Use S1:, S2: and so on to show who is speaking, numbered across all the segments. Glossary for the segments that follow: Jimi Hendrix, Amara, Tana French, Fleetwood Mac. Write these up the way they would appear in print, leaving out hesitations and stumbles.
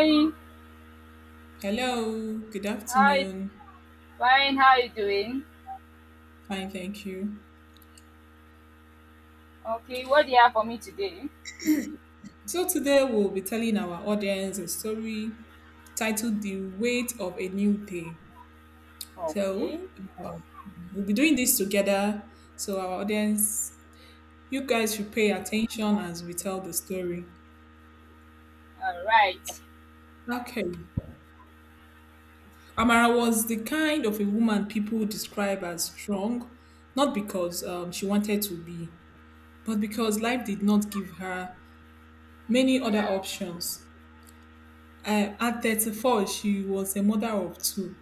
S1: Hey,
S2: Hello, good
S1: hi,
S2: afternoon.
S1: fine, how you doing?
S2: Fine, thank you.
S1: Okay, what do you have for me today?
S2: So, today we'll be telling our audience a story titled The Weight of a New Day.
S1: Okay,
S2: So, um, we'll be doing this together. So, our audience, you guys should pay attention as we tell the story.
S1: all right.
S2: Okay. Amara was the kind of a woman people describe as strong, not because she wanted to be, but because life did not give her many other options. At 34, she was a mother of two,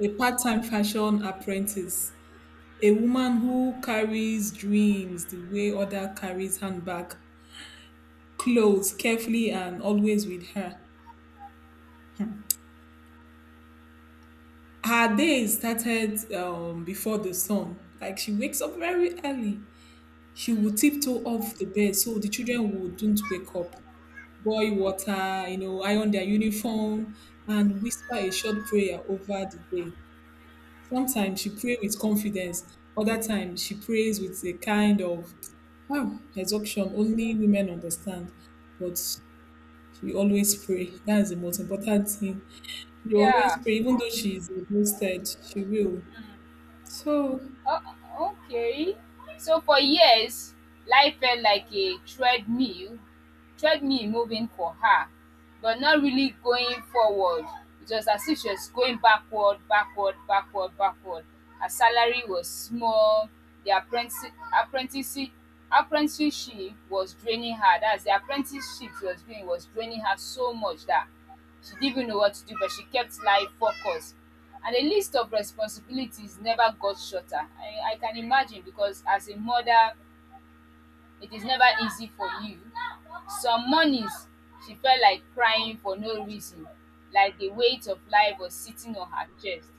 S2: a part time fashion apprentice, a woman who carries dreams the way other carries handbag, clothes carefully and always with her. Her day started before the sun. Like she wakes up very early. She
S1: Mm,
S2: would tiptoe off the bed so the children wouldn't wake up, boil water, iron their uniform, and whisper a short prayer over the day. Sometimes she pray with confidence. Other times she prays with a kind of wow, exhaustion only women understand. But she always pray. That's the most important thing. You always
S1: yeah.
S2: pray, even though she is exhausted, she will. So
S1: Oh, okay. So for years, life felt like a treadmill moving for her, but not really going forward. It was as if she was going backward, backward, backward, backward. Her salary was small. The apprentice, apprenticeship, apprenticeship was draining her. That's the apprenticeship she was doing was draining her so much that she didn't even know what to do, but she kept life focused. And the list of responsibilities never got shorter. I can imagine because as a mother, it is never easy for you. Some mornings, she felt like crying for no reason, like the weight of life was sitting on her chest.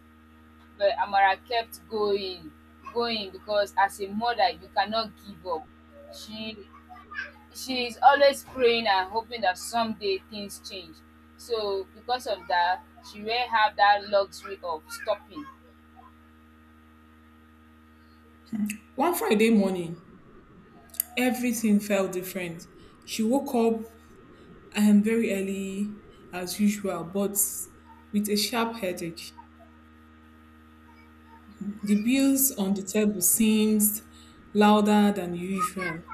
S1: But Amara kept going because as a mother, you cannot give up. She she is always praying and hoping that someday things change. So because of that, she won't have that luxury of stopping.
S2: one Friday morning, everything felt different. She woke up very early as usual, but with a sharp headache. The bills on the table seemed louder than usual.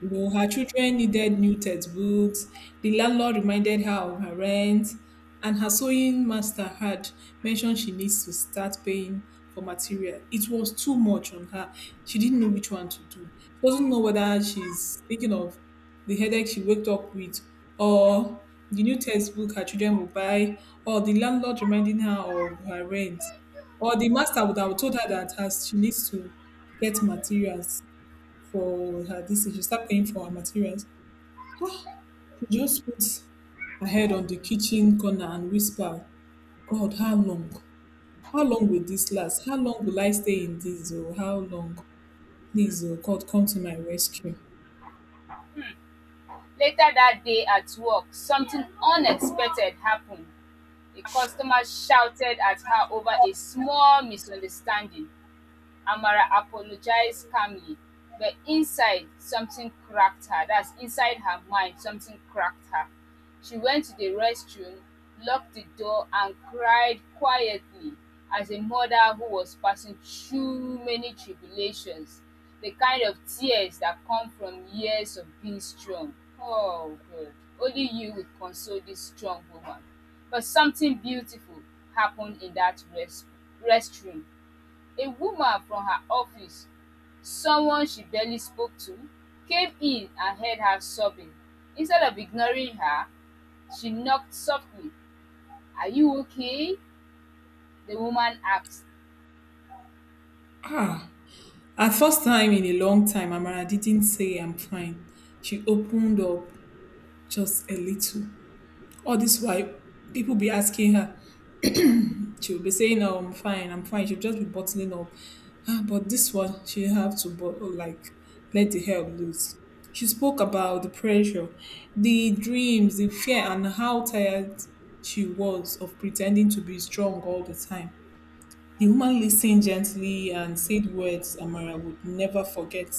S2: You know, her children needed new textbooks. The landlord reminded her of her rent, and her sewing master had mentioned she needs to start paying for material. It was too much on her. She didn't know which one to do. She doesn't know whether she's thinking of the headache she waked up with, or the new textbook her children will buy, or the landlord reminding her of her rent, or the master would have told her that her, she needs to get materials for her this thing, she start paying for her materials. She just put her head on the kitchen corner and whisper, God, how long? How long will this last? How long will I stay in this? Oh, how long? Please, oh God, come to my rescue.
S1: Later that day at work, something unexpected happened. A customer shouted at her over a small misunderstanding. Amara apologized calmly, but inside something cracked her. That's inside her mind, something cracked her. She went to the restroom, locked the door, and cried quietly as a mother who was passing through many tribulations, the kind of tears that come from years of being strong. Oh, God, only you would console this strong woman. But something beautiful happened in that restroom. A woman from her office, someone she barely spoke to, came in and heard her sobbing. Instead of ignoring her, she knocked softly. Are you okay? The woman asked.
S2: Ah, at first time in a long time, Amara didn't say I'm fine. She opened up just a little. All this while, people be asking her, she'll be saying, "Oh, I'm fine, I'm fine." She'll just be bottling up. Ah, but this one, she have to but like let the help loose. She spoke about the pressure, the dreams, the fear, and how tired she was of pretending to be strong all the time. The woman listened gently and said words Amara would never forget.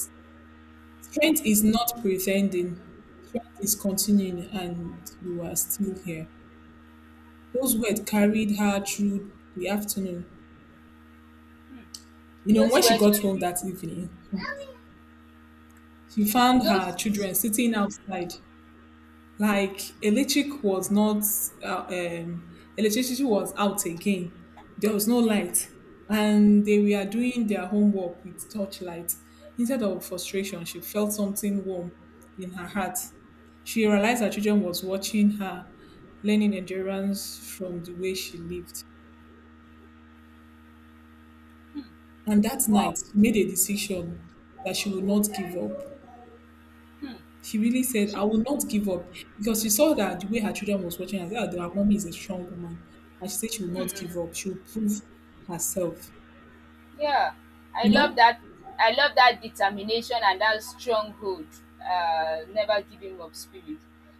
S2: Strength is not pretending, strength is continuing, and you are still here. Those words carried her through the afternoon. You know,
S1: Those
S2: when she
S1: words were
S2: got home
S1: real.
S2: that evening, she found her
S1: Those
S2: children sitting outside. Like electric was not, uh, um, Electricity was out again. There was no light, and they were doing their homework with torchlight. Instead of frustration, she felt something warm in her heart. She realized her children was watching her, learning endurance from the way she lived. And that
S1: Wow.
S2: night, she made a decision that she would not give up.
S1: Hmm.
S2: She really said, I
S1: She
S2: will not give up because she saw that the way her children was watching her, that her mommy is a strong woman. And she said she will not give up. She will prove herself.
S1: Yeah, I
S2: You
S1: love
S2: know,
S1: that. I love that determination and that stronghold, never giving up spirit.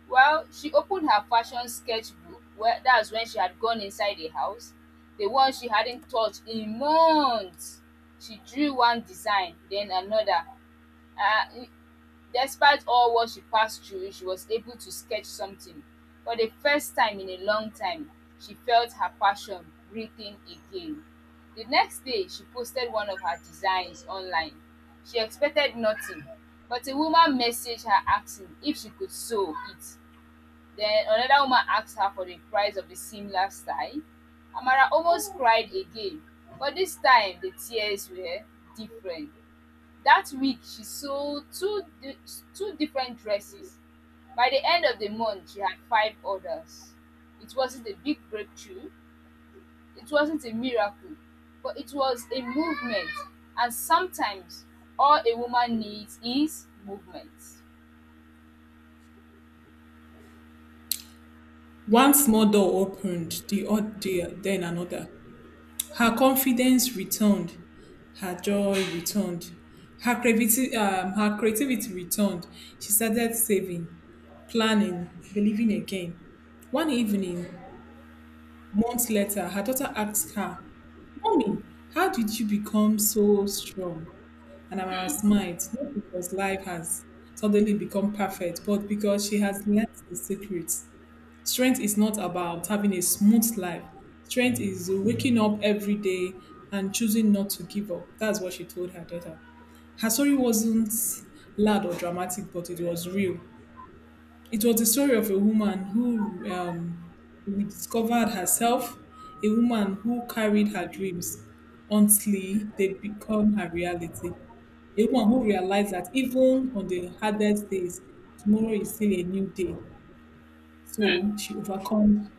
S1: Well, she opened her fashion sketchbook. Well, that's when she had gone inside the house, the one she hadn't touched in months. She drew one design, then another. Uh, Despite all what she passed through, she was able to sketch something. For the first time in a long time, she felt her passion breathing again. The next day, she posted one of her designs online. She expected nothing, but a woman messaged her asking if she could sew it. Then another woman asked her for the price of a similar style. Amara almost cried again, but this time the tears were different. That week she sold two different dresses. By the end of the month she had five orders. It wasn't a big breakthrough, it wasn't a miracle, but it was a movement, and sometimes all a woman needs is movement.
S2: one small door opened, the other, then another. Her confidence returned. Her joy returned. Her creativity returned. She started saving, planning, believing again. One evening, months later, her daughter asked her, Mommy, how did you become so strong? And Amara smiled, not because life has suddenly become perfect, but because she has learned the secret. Strength is not about having a smooth life. Strength is waking up every day and choosing not to give up. That's what she told her daughter. Her story wasn't loud or dramatic, but it was real. It was the story of a woman who rediscovered herself, a woman who carried her dreams until they become her reality, a woman who realized that even on the hardest days, tomorrow is still a new day. So she overcomes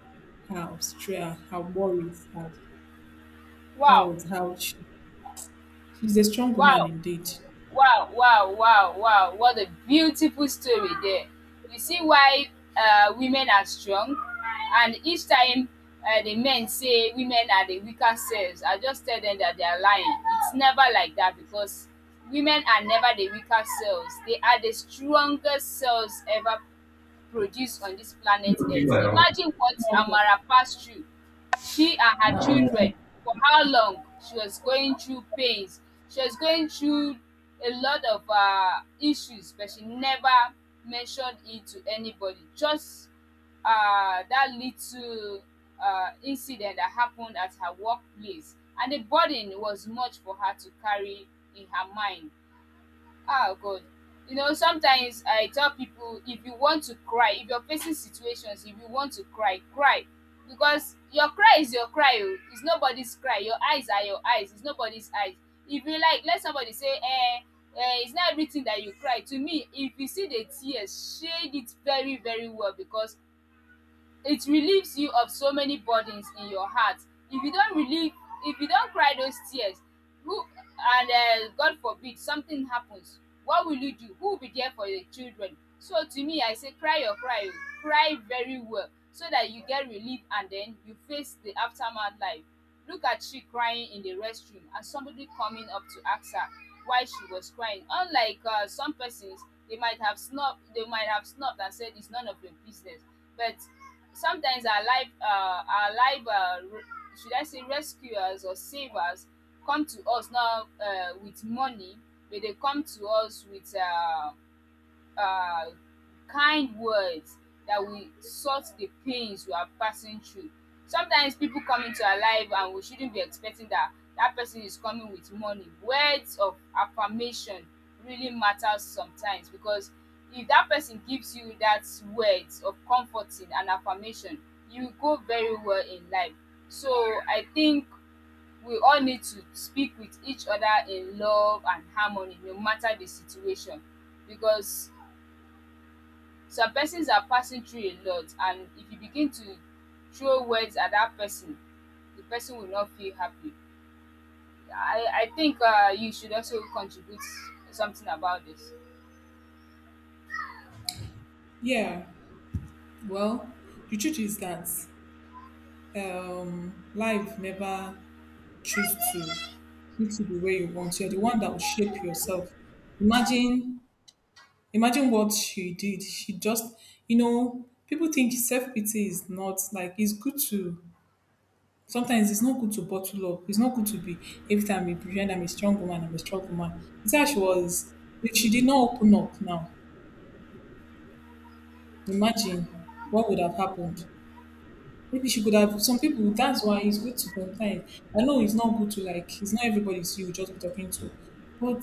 S2: her, stress, her worries. Her, that
S1: Wow!
S2: was how she, she's a strong woman
S1: Wow!
S2: indeed.
S1: Wow, wow, wow, wow. What a beautiful story there. You see why women are strong, and each time the men say women are the weaker selves, I just tell them that they are lying. It's never like that, because women are never the weaker selves, they are the strongest selves ever produced on this planet
S2: You
S1: Earth.
S2: are.
S1: Imagine what Amara passed through, she and her children, for how long she was going through pains. She was going through a lot of issues, but she never mentioned it to anybody. Just that little incident that happened at her workplace, and the burden was much for her to carry in her mind. Oh God. You know, sometimes I tell people, if you want to cry, if you're facing situations, if you want to cry, cry. Because your cry is your cry, oh, it's nobody's cry. Your eyes are your eyes, it's nobody's eyes. If you like, let somebody say, eh, eh, it's not everything that you cry. To me, if you see the tears, shade it very, very well, because it relieves you of so many burdens in your heart. If you don't relieve, if you don't cry those tears, who? And God forbid something happens, what will you do? Who will be there for your children? So to me I say, cry your cry, cry very well so that you get relief and then you face the aftermath life. Look at, she crying in the restroom and somebody coming up to ask her why she was crying, unlike some persons. They might have snubbed, they might have snubbed and said it's none of your business. But sometimes our life, should I say rescuers or savers, come to us now with money, but they come to us with uh, kind words that will sort the pains we are passing through. Sometimes people come into our life and we shouldn't be expecting that that person is coming with money. Words of affirmation really matters sometimes, because if that person gives you that words of comforting and affirmation, you will go very well in life. So I think we all need to speak with each other in love and harmony no matter the situation, because some persons are passing through a lot, and if you begin to throw words at that person, the person will not feel happy. I think you should also contribute something about this.
S2: Yeah, well, the truth is that life never choose to treat you the way you want. You're the one that will shape yourself. Imagine, imagine what she did. She just, you know, people think self pity is not like it's good to. Sometimes it's not good to bottle up. It's not good to be every time you pretend I'm a strong woman. I'm a strong woman. It's how she was. If she did not open up now, imagine what would have happened. Maybe she could have some people that's why it's good to confide. I know it's not good to like it's not everybody you will just be talking to. But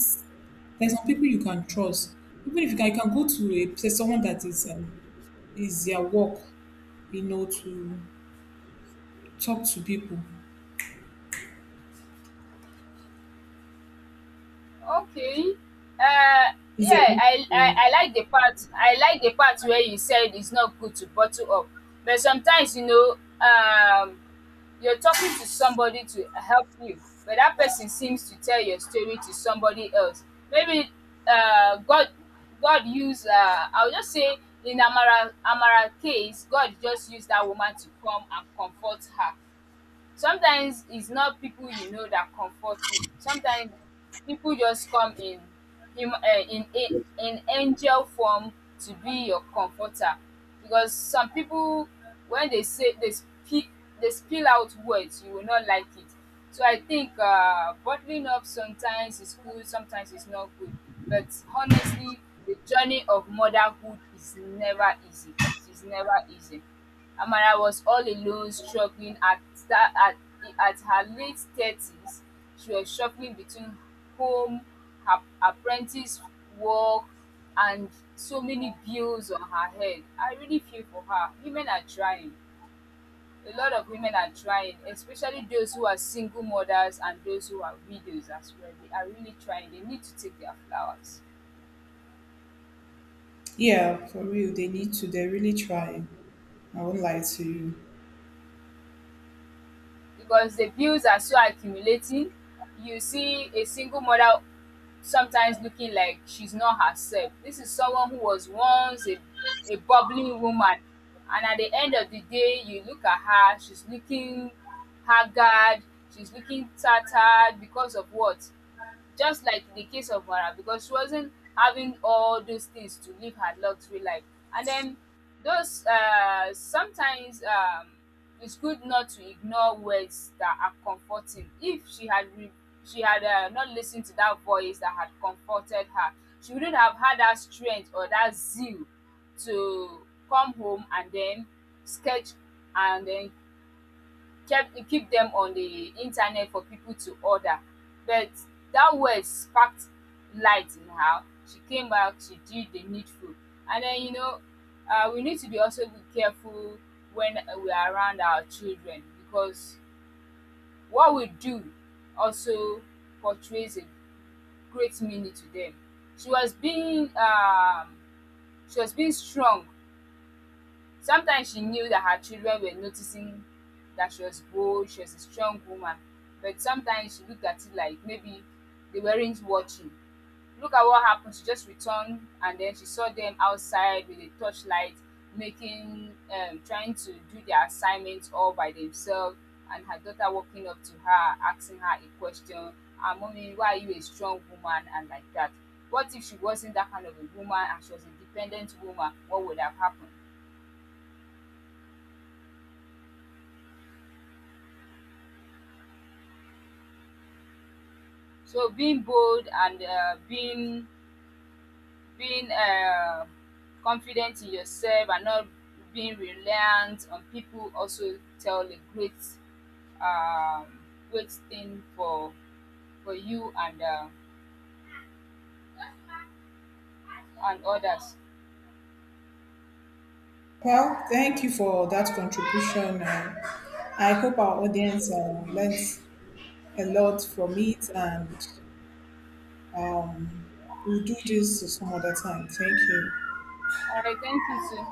S2: there's some people you can trust. Even if you can, you can go to a place someone that is their work, you know, to talk to people.
S1: Okay. Uh,
S2: Is their
S1: yeah, I like the part where you said it's not good to bottle up, but sometimes, um you're talking to somebody to help you, but that person seems to tell your story to somebody else. Maybe uh, God, God used. I'll just say in Amara Amara case, God just used that woman to come and comfort her. Sometimes it's not people you know that comfort you, sometimes people just come in in angel form to be your comforter, because some people, when they say they speak, they spill out words you will not like it. So I think bottling up sometimes is good, sometimes it's not good, but honestly the journey of motherhood is never easy, it is never easy. Amara was all alone, struggling that at, at her late 30s, she was struggling between home, her apprentice work, and so many bills on her head. I really feel for her. Women are trying. A lot of women are trying, especially those who are single mothers and those who are widows as well. They are really trying. They need to take their flowers.
S2: yeah, for real, they need to. They're really trying. I won't lie to you.
S1: Because the bills are so accumulating. You see a single mother sometimes looking like she's not herself. This is someone who was once a bubbling woman, and at the end of the day, you look at her, she's looking haggard, she's looking tattered. Because of what? Just like in the case of Wara, because she wasn't having all those things to live her luxury life. And then those sometimes it's good not to ignore words that are comforting. If she had not listened to that voice that had comforted her, she wouldn't have had that strength or that zeal to come home and then sketch and then kept keep them on the internet for people to order. But that word sparked light in her. She came back, she did the needful. And then, we need to be also be careful when we are around our children, because what we do also portrays a great meaning to them. She was being um, she was being strong. Sometimes she knew that her children were noticing that she was bold, she was a strong woman, but sometimes she looked at it like maybe they weren't watching. Look at what happened. She just returned and then she saw them outside with a torchlight, trying to do their assignments all by themselves. And her daughter walking up to her, asking her a question, ah, mommy, why are you a strong woman? And like that. What if she wasn't that kind of a woman and she was a dependent woman? What would have happened? So being bold and being confident in yourself and not being reliant on people also tell a um, great thing for you and others.
S2: Well, thank you for that contribution. I hope our audience learns a lot from it and Um, we'll do this some other time. Thank you.
S1: All right, thank you too.